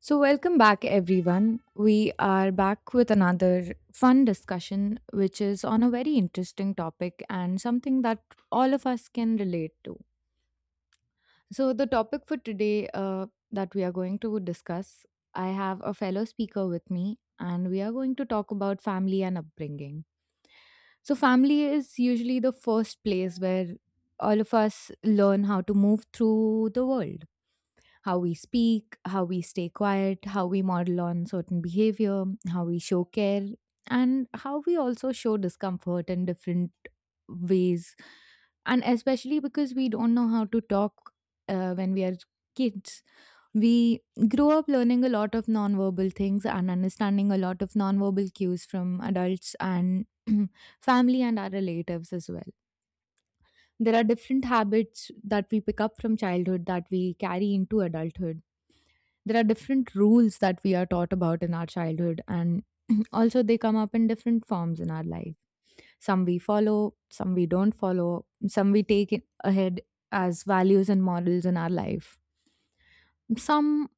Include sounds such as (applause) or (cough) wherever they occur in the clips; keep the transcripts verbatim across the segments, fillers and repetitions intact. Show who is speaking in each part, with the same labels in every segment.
Speaker 1: So, welcome back, everyone. We are back with another fun discussion, which is on a very interesting topic and something that all of us can relate to. So, the topic for today, uh, that we are going to discuss, I have a fellow speaker with me, and we are going to talk about family and upbringing. So, family is usually the first place where all of us learn how to move through the world, how we speak, how we stay quiet, how we model on certain behavior, how we show care, and how we also show discomfort in different ways. And especially because we don't know how to talk uh, when we are kids. We grow up learning a lot of nonverbal things and understanding a lot of nonverbal cues from adults and (clears throat) family and our relatives as well. There are different habits that we pick up from childhood that we carry into adulthood. There are different rules that we are taught about in our childhood, and (clears throat) also they come up in different forms in our life. Some we follow, some we don't follow, some we take it ahead as values and models in our life. some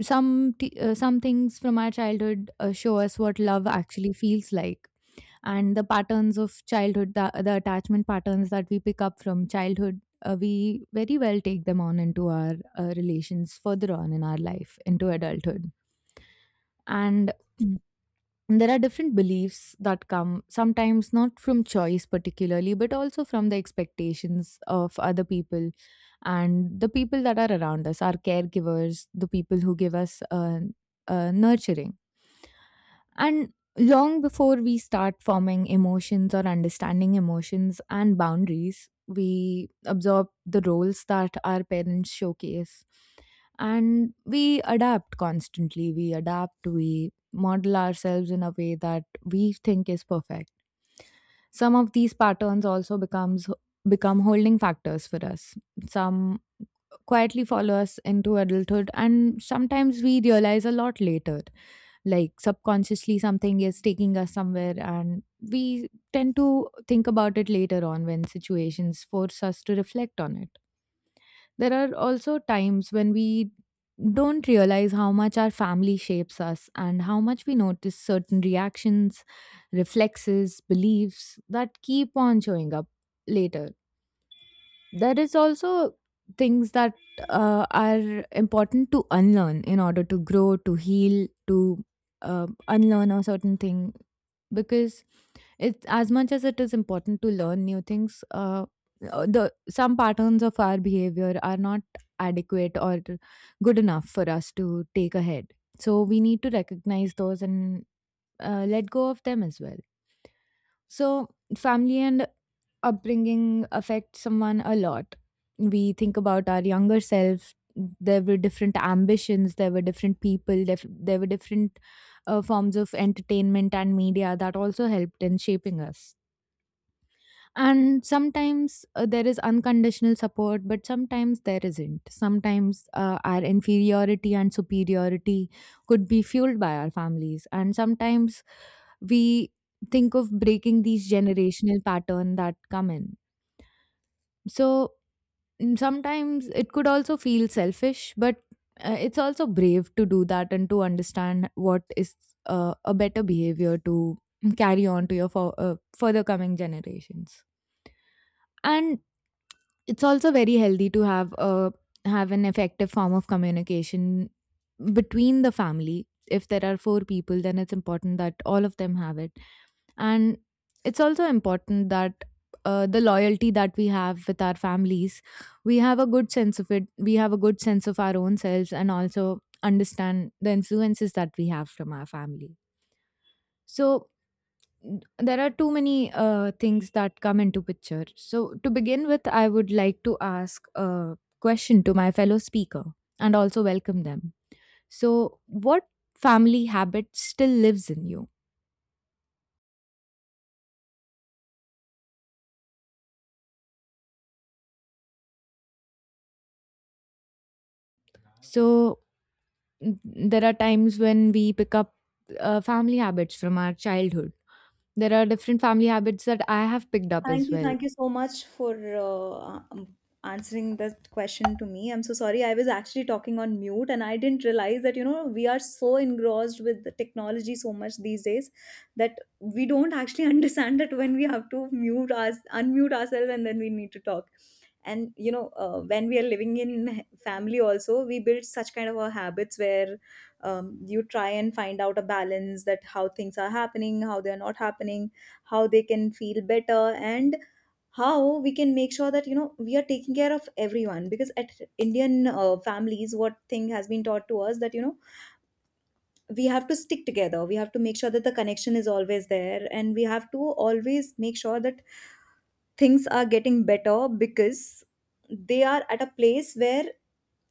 Speaker 1: some t- uh, some things from our childhood uh, show us what love actually feels like, and the patterns of childhood, the, the attachment patterns that we pick up from childhood, uh, we very well take them on into our uh, relations further on in our life into adulthood and Mm. there are different beliefs that come sometimes not from choice particularly but also from the expectations of other people, and the people that are around us, our caregivers, the people who give us uh, uh, nurturing. And long before we start forming emotions or understanding emotions and boundaries, we absorb the roles that our parents showcase. And we adapt constantly. We adapt, we model ourselves in a way that we think is perfect. Some of these patterns also becomes become holding factors for us. Some quietly follow us into adulthood, and sometimes we realize a lot later, like subconsciously something is taking us somewhere, and we tend to think about it later on when situations force us to reflect on it. There are also times when we don't realize how much our family shapes us, and how much we notice certain reactions, reflexes, beliefs that keep on showing up later. There is also things that uh, are important to unlearn in order to grow, to heal, to uh, unlearn a certain thing, because it's, as much as it is important to learn new things, uh, uh, the some patterns of our behavior are not adequate or good enough for us to take ahead, so we need to recognize those and uh, let go of them as well. So family and upbringing affects someone a lot. We think about our younger self. There were different ambitions, there were different people, def- there were different uh, forms of entertainment and media that also helped in shaping us. And sometimes uh, there is unconditional support, but sometimes there isn't. Sometimes uh, our inferiority and superiority could be fueled by our families. And sometimes we think of breaking these generational pattern that come in, so Mm, sometimes it could also feel selfish, but uh, it's also brave to do that and to understand what is uh, a better behavior to mm, carry on to your for, uh, further coming generations. And it's also very healthy to have a have an effective form of communication between the family. If there are four people, then it's important that all of them have it. And it's also important that uh, the loyalty that we have with our families, we have a good sense of it. We have a good sense of our own selves and also understand the influences that we have from our family. So, N- there are too many uh, things that come into picture. So, to begin with, I would like to ask a question to my fellow speaker and also welcome them. So, what family habit still lives in you? So, n- there are times when we pick up uh, family habits from our childhood. There are different family habits that I have picked up
Speaker 2: Thank
Speaker 1: as
Speaker 2: you.
Speaker 1: well.
Speaker 2: Thank you so much for uh, um, answering that question to me. I'm so sorry. I was actually talking on mute and I didn't realize that, you know, we are so engrossed with the technology so much these days that we don't actually (laughs) understand that when we have to mute us, unmute ourselves and then we need to talk. And you know uh, when we are living in family also, we build such kind of a habits where um, you try and find out a balance, that how things are happening, how they are not happening, how they can feel better, and how we can make sure that you know we are taking care of everyone. Because at Indian uh, families, what thing has been taught to us that you know we have to stick together, we have to make sure that the connection is always there, and we have to always make sure that things are getting better, because they are at a place where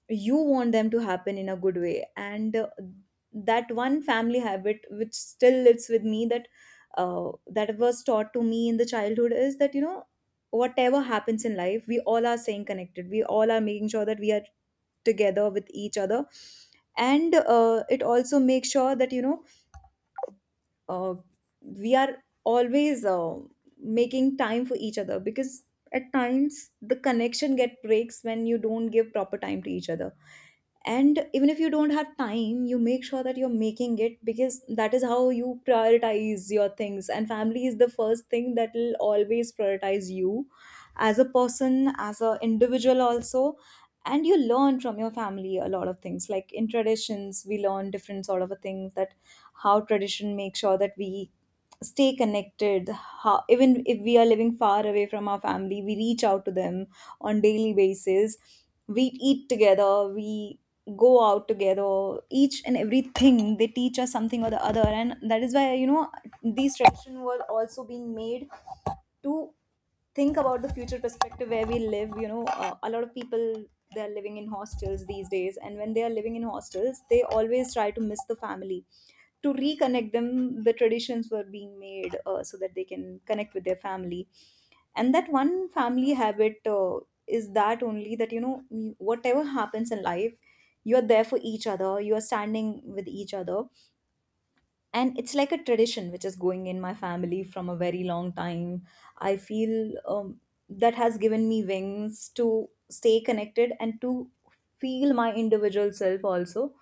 Speaker 2: you want them to happen in a good way. And uh, that one family habit which still lives with me, that uh, that was taught to me in the childhood, is that you know whatever happens in life, we all are staying connected, we all are making sure that we are together with each other. And uh, it also makes sure that you know uh, we are always uh, making time for each other, because at times the connection get breaks when you don't give proper time to each other. And even if you don't have time, you make sure that you're making it, because that is how you prioritize your things, and family is the first thing that will always prioritize you as a person, as an individual also. And you learn from your family a lot of things, like in traditions we learn different sort of a things, that how tradition makes sure that we stay connected, how even if we are living far away from our family, we reach out to them on daily basis. We eat together, we go out together, each and everything they teach us something or the other. And that is why you know these traditions were also being made to think about the future perspective, where we live, you know uh, a lot of people, they are living in hostels these days, and when they are living in hostels, they always try to miss the family. To reconnect them, the traditions were being made uh, so that they can connect with their family. And that one family habit uh, is that only, that you know you- whatever happens in life, you're there for each other, you're standing with each other. And it's like a tradition which is going in my family from a very long time, I feel. um, that has given me wings to stay connected, and to feel my individual self also.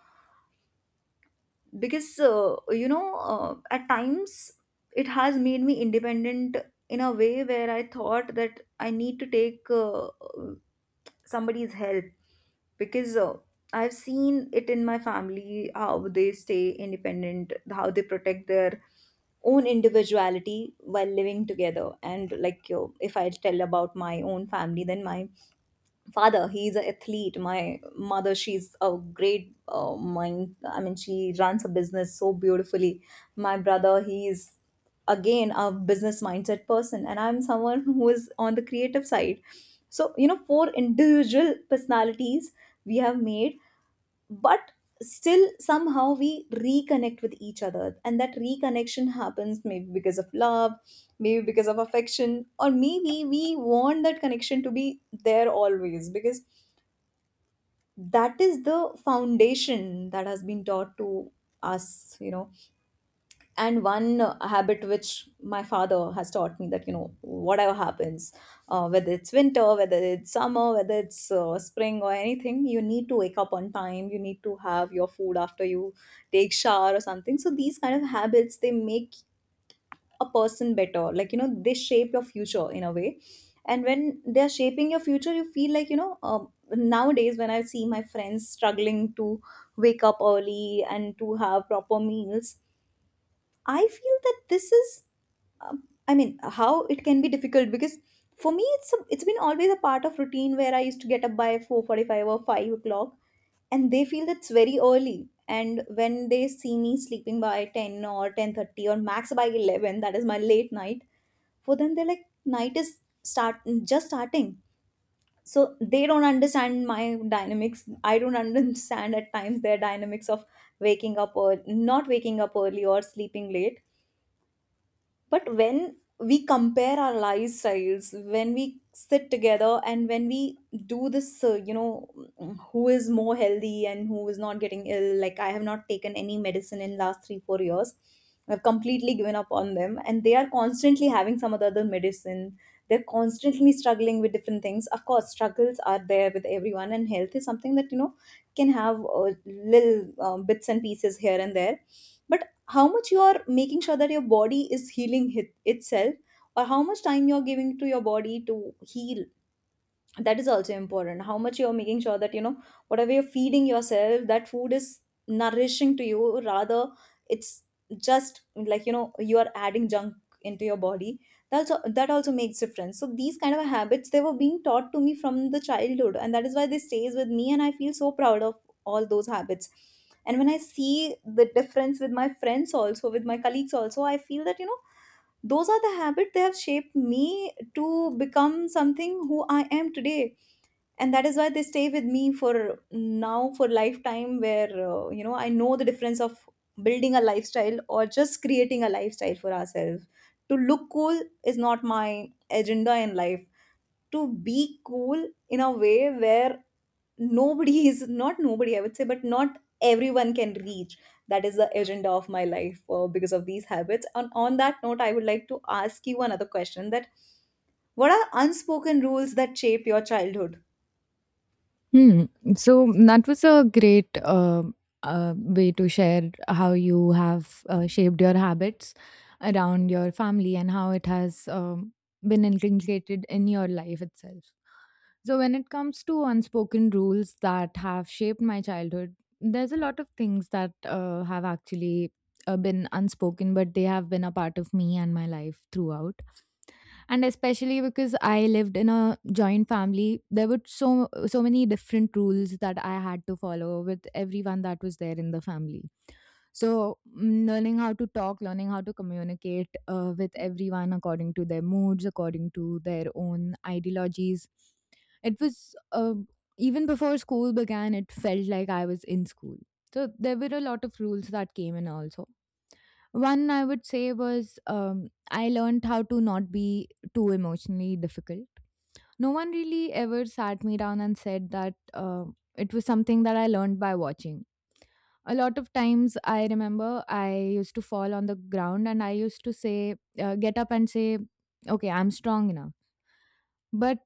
Speaker 2: Because uh, you know uh, at times, it has made me independent in a way where I thought that I need to take uh, somebody's help. Because uh, I've seen it in my family how they stay independent, how they protect their own individuality while living together. And like you, if I tell about my own family, then my father, he's an athlete, my mother, she's a great uh, mind. I mean, she runs a business so beautifully. My brother, he's again a business mindset person, and I'm someone (laughs) who is on the creative side. So you know four individual personalities we have made. But still somehow we reconnect with each other, and that reconnection happens maybe because of love, maybe because of affection, or maybe we want that connection to be there always, because that is the foundation that has been taught to us, you know and one uh, habit which my father has taught me, that you know whatever happens, uh, whether it's winter, whether it's summer, whether it's uh, spring or anything, you need to wake up on time, you need to have your food after you take shower or something. So these kind of habits, they make a person better, like you know they shape your future in a way. And when they're shaping your future, you feel like you know um, nowadays when I see my friends struggling to wake up early and to have proper meals, I feel that this is, um, I mean, how it can be difficult. Because for me it's a, it's been always a part of routine where I used to get up by four forty-five or five o'clock, and they feel that's very early. And when they see me sleeping by ten or ten thirty, or max by eleven, that is my late night. For them, they're like night is start just starting, so they don't understand my dynamics. I don't (laughs) understand at times their dynamics of waking up or not waking up early or sleeping late. But when we compare our lifestyles, when we sit together and when we do this, uh, you know who is more healthy and who is not getting ill, like I have not taken any medicine in last three four years. I've completely given up on them, and they are constantly having some other medicine, they're constantly struggling with different things. Of course struggles are there with everyone, and health is something that you know can have uh, little um, bits and pieces here and there. But how much you're making sure that your body is healing hit itself, or how much time you're giving to your body to heal, that is also important. How much you're making sure that you know whatever you're feeding yourself, that food is nourishing to you, rather it's just like you know you are adding junk into your body, that's that also makes difference. So these kind of habits, they were being taught to me from the childhood, and that is why they stays with me, and I feel so proud of all those habits. And when I see the difference with my friends also, with my colleagues also, I feel that you know those are the habits, they have shaped me to become something, who I am today. And that is why they stay with me for now, for lifetime, where uh, you know I know the difference of building a lifestyle or just creating a lifestyle for ourselves. To look cool is not my agenda in life. To be cool in a way where nobody (laughs) is not nobody, I would say, but not everyone can reach, that is the agenda of my life. Uh, because of these habits, and on that note, I would like to ask you another question, that what are unspoken rules that shape your childhood.
Speaker 1: Hmm. So that was a great uh, uh, way to share how you have uh, shaped your habits around your family and how it has um, been inculcated in your life itself. So, when it comes to unspoken rules that have shaped my childhood, there's a lot of things that uh, have actually uh, been unspoken, but they have been a part of me and my life throughout. And especially because I lived in a joint family, there were so so many different rules that I had to follow with everyone that was there in the family. So mm, learning how to talk, learning how to communicate uh, with everyone according to their moods, according to their own ideologies, it was uh, even before school began, it felt like I was in school. So there were a lot of rules that came in also. One, I would say, was, um, I learned how to not be too emotionally difficult. No one really ever sat me down and said that, uh, it was something that I learned by watching. A lot of times I remember I used to fall on the ground and I used to say, uh, get up and say, okay, I'm strong enough. But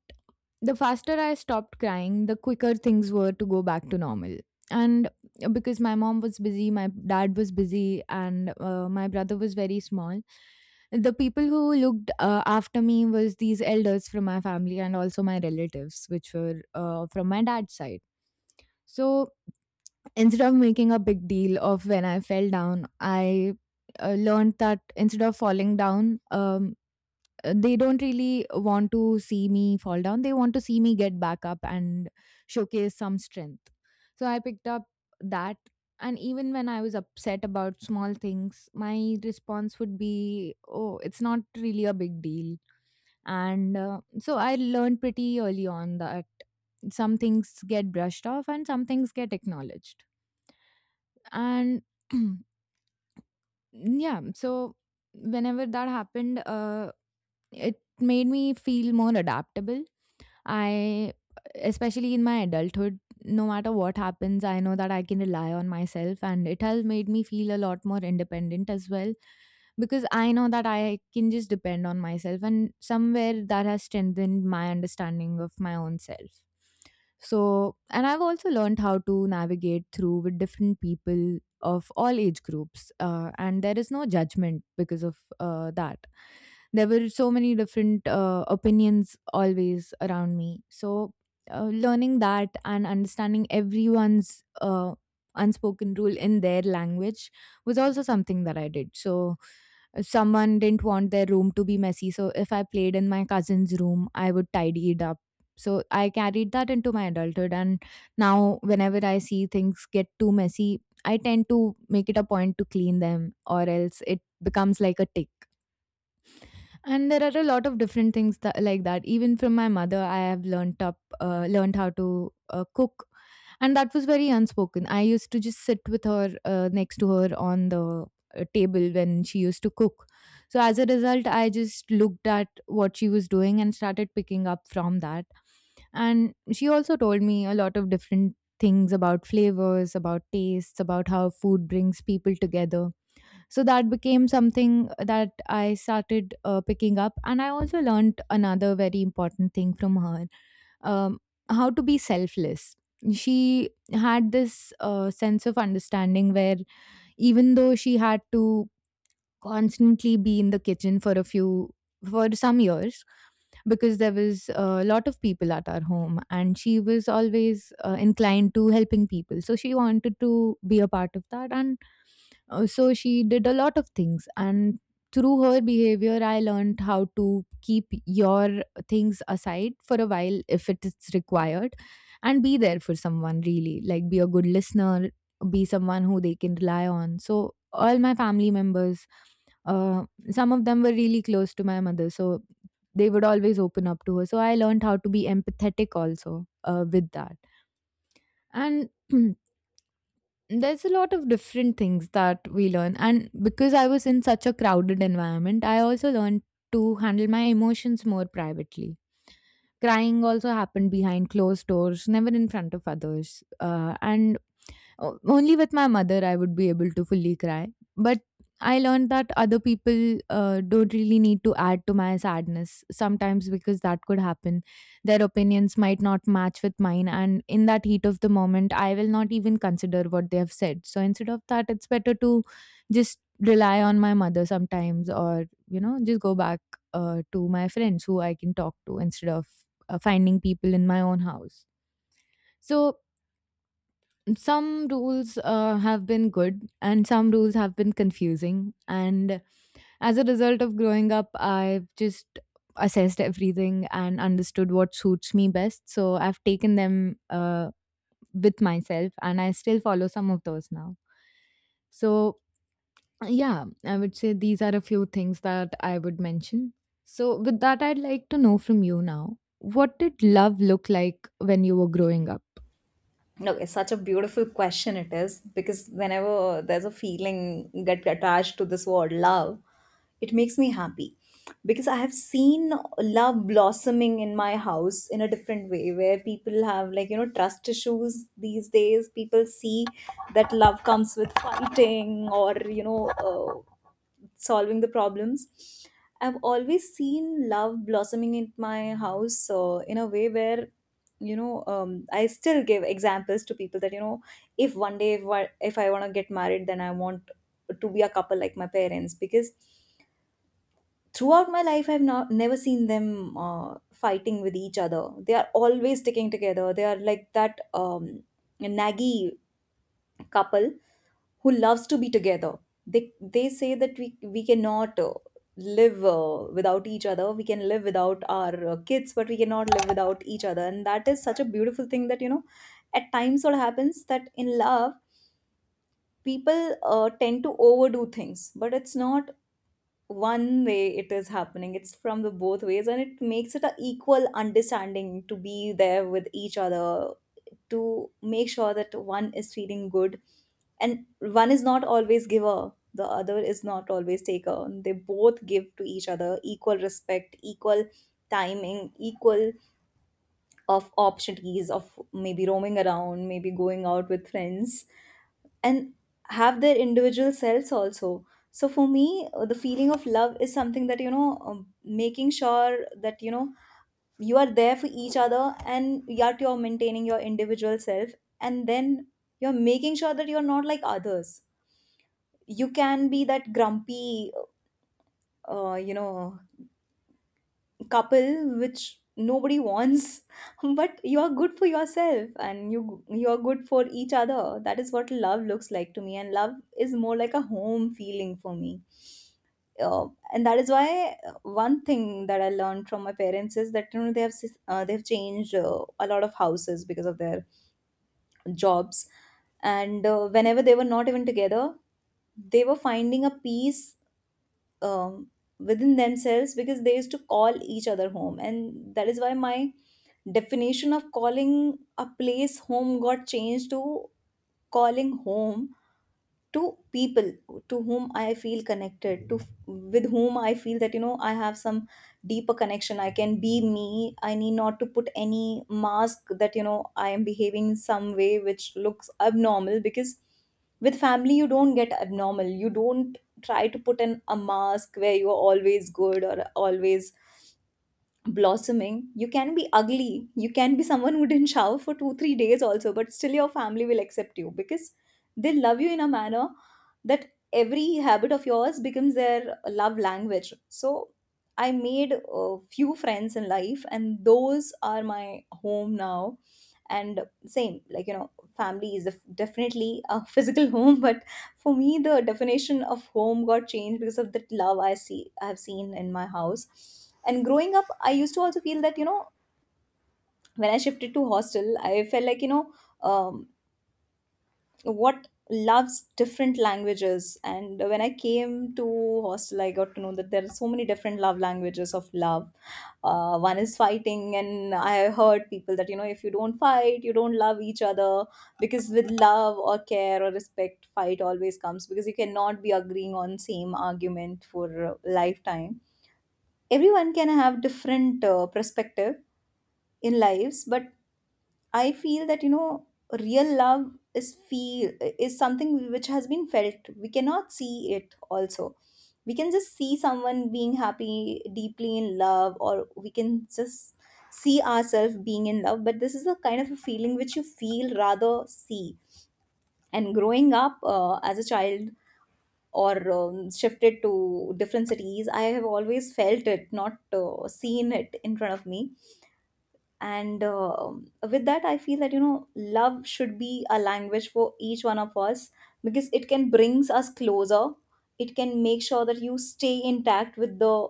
Speaker 1: the faster I stopped crying, the quicker things were to go back to normal. And uh, because my mom was busy, my dad was busy, and uh, my brother was very small, the people who looked uh, after me was these elders from my family and also my relatives, which were uh, from my dad's side. So instead of making a big deal of when I fell down, I uh, learned that instead of falling down, um, uh, they don't really want to see me fall down. They want to see me get back up and showcase some strength. So I picked up that. And even when I was upset about small things, my response would be, oh, it's not really a big deal. And uh, so I learned pretty early on that some things get brushed off and some things get acknowledged. And (clears throat) yeah, so whenever that happened, uh it made me feel more adaptable. I, especially in my adulthood, no matter what happens, I know that I can rely on myself, and it has made me feel a lot more independent as well, because I know that I can just depend on myself, and somewhere that has strengthened my understanding of my own self. So, and I've also learned how to navigate through with different people of all age groups, uh, and there is no judgment because of uh, that. There were so many different uh, opinions always around me, so uh, learning that and understanding everyone's uh, unspoken rule in their language was also something that I did. So uh, someone didn't want their room to be messy, so if I played in my cousin's room I would tidy it up. So I carried that into my adulthood, and now whenever I see things get too messy I tend to make it a point to clean them, or else it becomes like a tick. And there are a lot of different things that, like that. Even from my mother, I have learned up, uh, learned how to uh, cook, and that was very unspoken. I used to just sit with her, uh, next to her on the uh, table when she used to cook. So as a result, I just looked at what she was doing and started picking up from that. And she also told me a lot of different things about flavors, about tastes, about how food brings people together, so that became something that I started uh, picking up. And I also learned another very important thing from her. um, how to be selfless. She had this uh, sense of understanding where, even though she had to constantly be in the kitchen for a few, for some years, because there was a lot of people at our home and she was always uh, inclined to helping people, so she wanted to be a part of that. And uh, so she did a lot of things, and through her behavior I learned how to keep your things aside for a while if it is required, and be there for someone, really, like be a good listener, be someone who they can rely on. So all my family members, uh, some of them were really close to my mother, so they would always open up to her. So I learned how to be empathetic also, uh, with that. And (clears throat) there's a lot of different things that we learn, and because I was in such a crowded environment, I also learned to handle my emotions more privately. Crying also happened behind closed doors, never in front of others. Uh, and O- only with my mother I would be able to fully cry. But I learned that other people uh, don't really need to add to my sadness sometimes, because that could happen. Their opinions might not match with mine, and in that heat of the moment, I will not even consider what they have said. So instead of that, it's better to just rely on my mother sometimes, or you know, just go back uh, to my friends who I can talk to, instead of uh, finding people in my own house. So some rules uh, have been good, and some rules have been confusing. And as a result of growing up, I've just assessed everything and understood what suits me best. So I've taken them uh, with myself, and I still follow some of those now. So, yeah, I would say these are a few things that I would mention. So, with that, I'd like to know from you now, what did love look like when you were growing up?
Speaker 2: No, it's such a beautiful question, it is, because whenever there's a feeling get attached to this word love, it makes me happy. Because I have seen love blossoming in my house in a different way, where people have, like you know trust issues these days. People see that love comes with fighting, or you know uh, solving the problems. I've always seen love blossoming in my house uh, in a way where you know um, I still give examples to people that you know if one day, if, I- if I want to get married, then I want to be a couple like my parents. Because throughout my life I've not never seen them uh, fighting with each other, they are always sticking together, they are like that um, naggy couple who loves to be together. They they say that we we cannot uh, live uh, without each other, we can live without our uh, kids, but we cannot live without each other. And that is such a beautiful thing, that you know at times what happens, that in love, people uh, tend to overdo things. But it's not one way it is happening, it's from the both ways, and it makes it a equal understanding to be there with each other, to make sure that one is feeling good, and one is not always giver, the other is not always taker. They both give to each other equal respect, equal timing, equal of opportunities, of maybe roaming around, maybe going out with friends, and have their individual selves also. So for me, uh, the feeling of love is something that, you know um, making sure that you know you are there for each other, and yet you're maintaining your individual self. And then you're making sure that you're not like others. You can be that grumpy uh, you know couple which nobody wants, (laughs) but you are good for yourself, and you you are good for each other. That is what love looks like to me. And love is more like a home feeling for me. uh, and that is why, uh, one thing that I learned from my parents is that you know they have sis- uh, they've changed uh, a lot of houses because of their jobs. And uh, whenever they were not even together, they were finding a peace um, within themselves, because they used to call each other home. And that is why my definition of calling a place home got changed to calling home to people, to whom I feel connected to, with whom I feel that you know I have some deeper connection. I can be me. I need not to put any mask that you know I am behaving in some way which looks abnormal. Because with family you don't get abnormal, you don't try to put in a mask where you are always good or always blossoming. You can be ugly. You can be someone who didn't shower for two, three days also, but still your family will accept you because they love you in a manner that every habit of yours becomes their love language. So I made a few friends in life, and those are my home now. And same, like, you know, family is def- definitely a physical (laughs) home. But for me the definition of home got changed because of the love i see i've seen in my house. And growing up, I used to also feel that you know when I shifted to hostel I felt like you know um, what loves different languages. And when I came to hostel I got to know that there are so many different love languages of love. Uh, one is fighting, and I heard people that you know if you don't fight you don't love each other, because with love or care or respect fight always comes, because you cannot be agreeing on same argument for a lifetime. Everyone can have different uh, perspective in lives. But I feel that you know real love is feel is something which has been felt. We cannot see it also. We can just see someone being happy, deeply in love, or we can just see ourselves being in love. But this is a kind of a feeling which you feel rather see. And growing up uh, as a child, or um, shifted to different cities, I have always felt it, not uh, seen it in front of me. And um with that I feel that you know love should be a language for each one of us, because it can brings us closer. It can make sure that you stay intact with the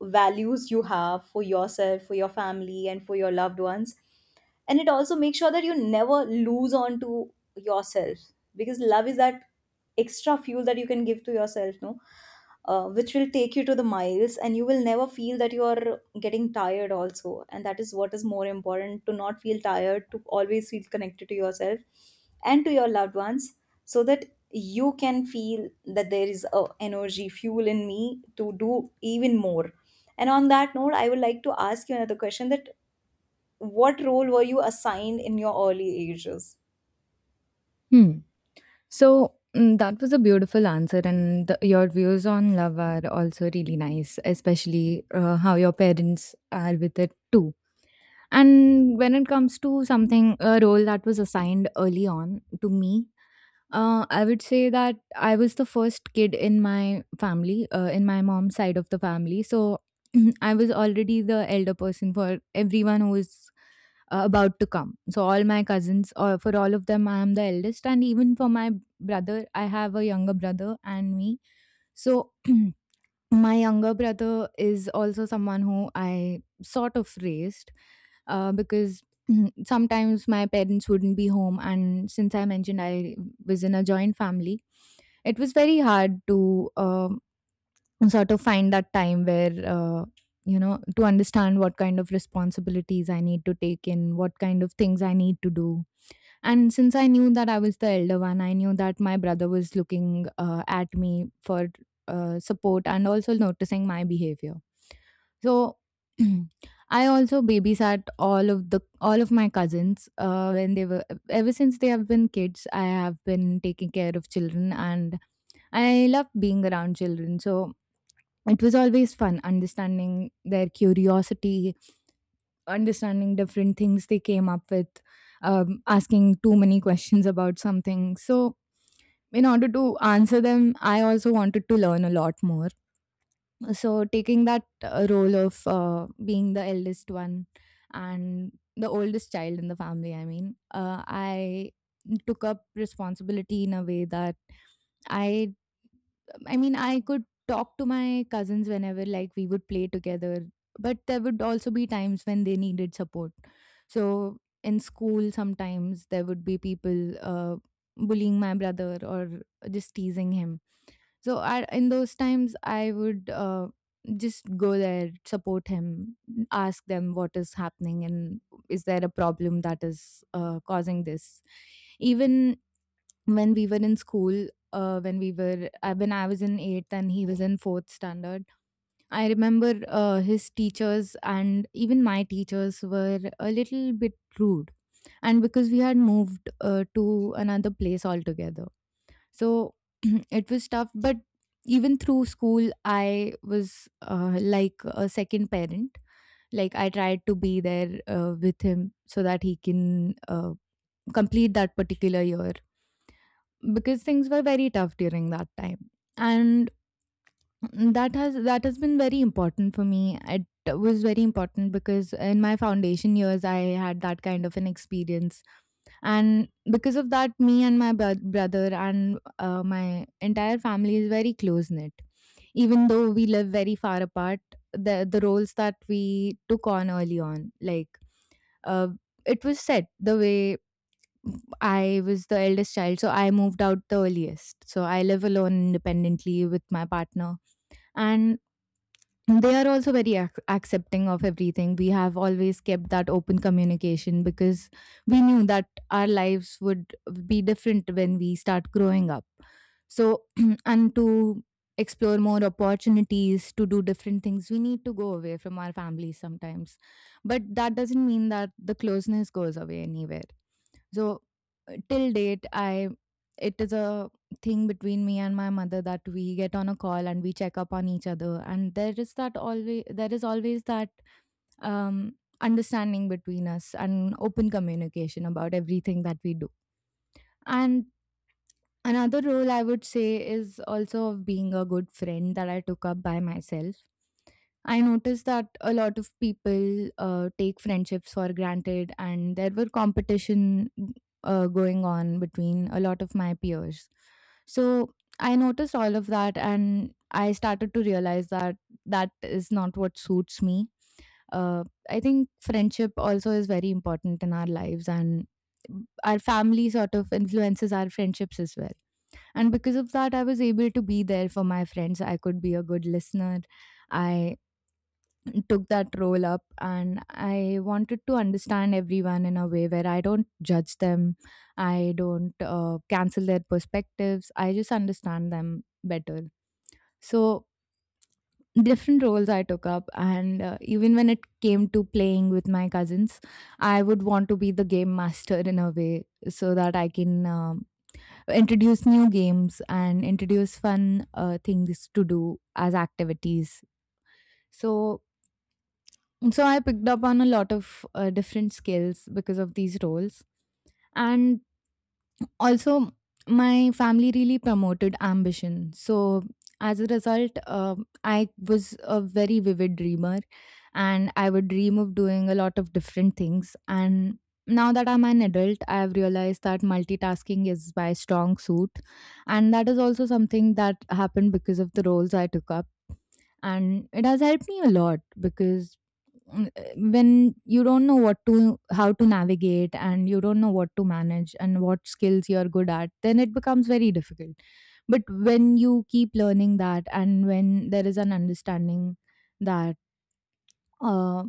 Speaker 2: values you have for yourself, for your family and for your loved ones. And it also makes sure that you never lose on to yourself, because love is that extra fuel that you can give to yourself, no, uh, which will take you to the miles, and you will never feel that you are getting tired also. And that is what is more important, to not feel tired, to always feel connected to yourself and to your loved ones, so that you can feel that there is a energy fuel in me to do even more. And on that note, I would like to ask you another question: that what role were you assigned in your early ages.
Speaker 1: So, mm, that was a beautiful answer, and the, your views on love are also really nice, especially uh, how your parents are with it too. And when it comes to something, a role that was assigned early on to me, uh, I would say that I was the first kid in my family, uh, in my mom's side of the family. So (clears throat) I was already the elder person for everyone who is uh, about to come. So all my cousins, or for all of them, I am the eldest, and even for my brother, I have a younger brother and me. So (clears throat) my younger brother is also someone who I sort of raised, uh, because (clears throat) sometimes my parents wouldn't be home. And since I mentioned I was in a joint family, it was very hard to, um, sort of find that time where, uh, you know, to understand what kind of responsibilities I need to take in, what kind of things I need to do. And since I knew that I was the elder one, I knew that my brother was looking uh, at me for uh, support, and also noticing my behavior. So (clears throat) I also babysat all of the all of my cousins uh, when they were, ever since they have been kids. I have been taking care of children, and I love being around children. So it was always fun, understanding their curiosity, understanding different things they came up with, um, asking too many questions about something. So, in order to answer them, I also wanted to learn a lot more. So, taking that uh, role of uh, being the eldest one and the oldest child in the family, I mean, uh, I took up responsibility in a way that I I mean, I could talk to my cousins whenever, like, we would play together, but there would also be times when they needed support. So, in school, sometimes there would be people uh, bullying my brother or just teasing him. So, I, in those times, I would uh, just go there, support him, ask them what is happening, and is there a problem that is uh, causing this. Even when we were in school, uh, when we were uh, when I was in eighth and he was in fourth standard, I remember uh, his teachers and even my teachers were a little bit rude, and because we had moved uh, to another place altogether. So (clears throat) it was tough, but even through school I was uh, like a second parent. Like, I tried to be there uh, with him so that he can uh, complete that particular year, because things were very tough during that time. And that has that has been very important for me. It was very important because in my foundation years I had that kind of an experience, and because of that, me and my bro- brother and uh, my entire family is very close knit, even though we live very far apart. The the roles that we took on early on, like, uh, it was set the way I was the eldest child, so I moved out the earliest. So I live alone independently with my partner. And they are also very ac- accepting of everything. We have always kept that open communication, because we knew that our lives would be different when we start growing up. So (clears throat) and to explore more opportunities, to do different things, we need to go away from our families sometimes, but that doesn't mean that the closeness goes away anywhere. So uh, till date, I, it is a thing between me and my mother that we get on a call and we check up on each other. And there is that, always there is always that, um, understanding between us and open communication about everything that we do. And another role I would say is also of being a good friend that I took up by myself. I noticed that a lot of people uh, take friendships for granted, and there were competition uh, going on between a lot of my peers. So I noticed all of that, and I started to realize that that is not what suits me. uh, I think friendship also is very important in our lives, and our family sort of influences our friendships as well. And because of that, I was able to be there for my friends. I could be a good listener. I took that role up, and I wanted to understand everyone in a way where I don't judge them, I don't uh, cancel their perspectives, I just understand them better. So different roles I took up, and uh, even when it came to playing with my cousins, I would want to be the game master in a way so that I can, um, introduce new games and introduce fun uh, things to do as activities. So, so I picked up on a lot of uh, different skills because of these roles. And also, my family really promoted ambition. So, as a result, uh, I was a very vivid dreamer, and I would dream of doing a lot of different things. And now that I'm an adult, I've realized that multitasking is my strong suit. And that is also something that happened because of the roles I took up. And it has helped me a lot because, mm, eh, when you don't know what to, how to navigate, and you don't know what to manage and what skills you're good at, then it becomes very difficult. But when you keep learning that, and when there is an understanding that, uh,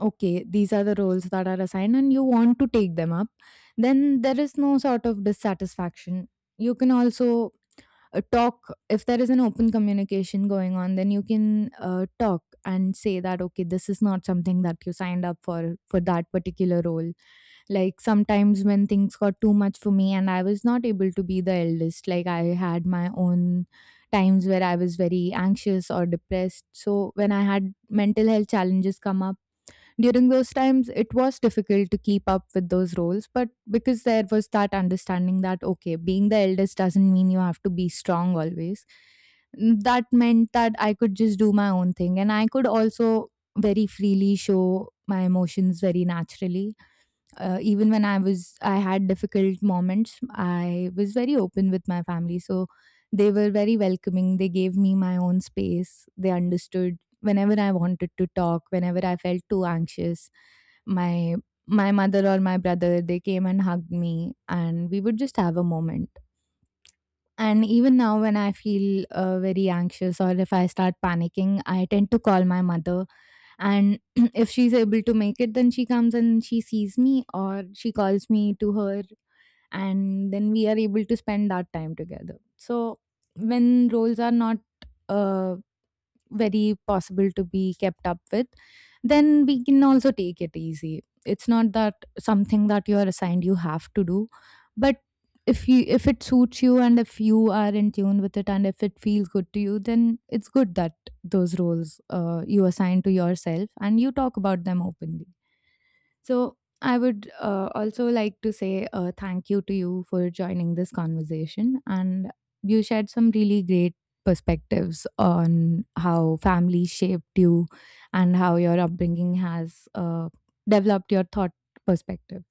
Speaker 1: okay, these are the roles that are assigned and you want to take them up, then there is no sort of dissatisfaction. You can also uh, talk, if there is an open communication going on, then you can uh, talk and say that, okay, this is not something that you signed up for for that particular role. Like, sometimes when things got too much for me and I was not able to be the eldest, like, I had my own times where I was very anxious or depressed. So when I had mental health challenges come up during those times, it was difficult to keep up with those roles. But because there was that understanding that, okay, being the eldest doesn't mean you have to be strong always. Mm, that meant that I could just do my own thing, and I could also very freely show my emotions very naturally. Uh, even when I was, I had difficult moments, I was very open with my family. So they were very welcoming. They gave me my own space. They understood whenever I wanted to talk, whenever I felt too anxious. My my mother or my brother, they came and hugged me, and we would just have a moment. And even now when I feel uh, very anxious, or if I start panicking, I tend to call my mother. And (clears throat) if she's able to make it, then she comes and she sees me, or she calls me to her, and then we are able to spend that time together. So when roles are not uh, very possible to be kept up with, then we can also take it easy. It's not that something that you are assigned you have to do, but if you, if it suits you and if you are in tune with it and if it feels good to you, then it's good that those roles uh, you assign to yourself, and you talk about them openly. So I would uh, also like to say uh, thank you to you for joining this conversation. And you shared some really great perspectives on how family shaped you, and how your upbringing has uh, developed your thought perspective.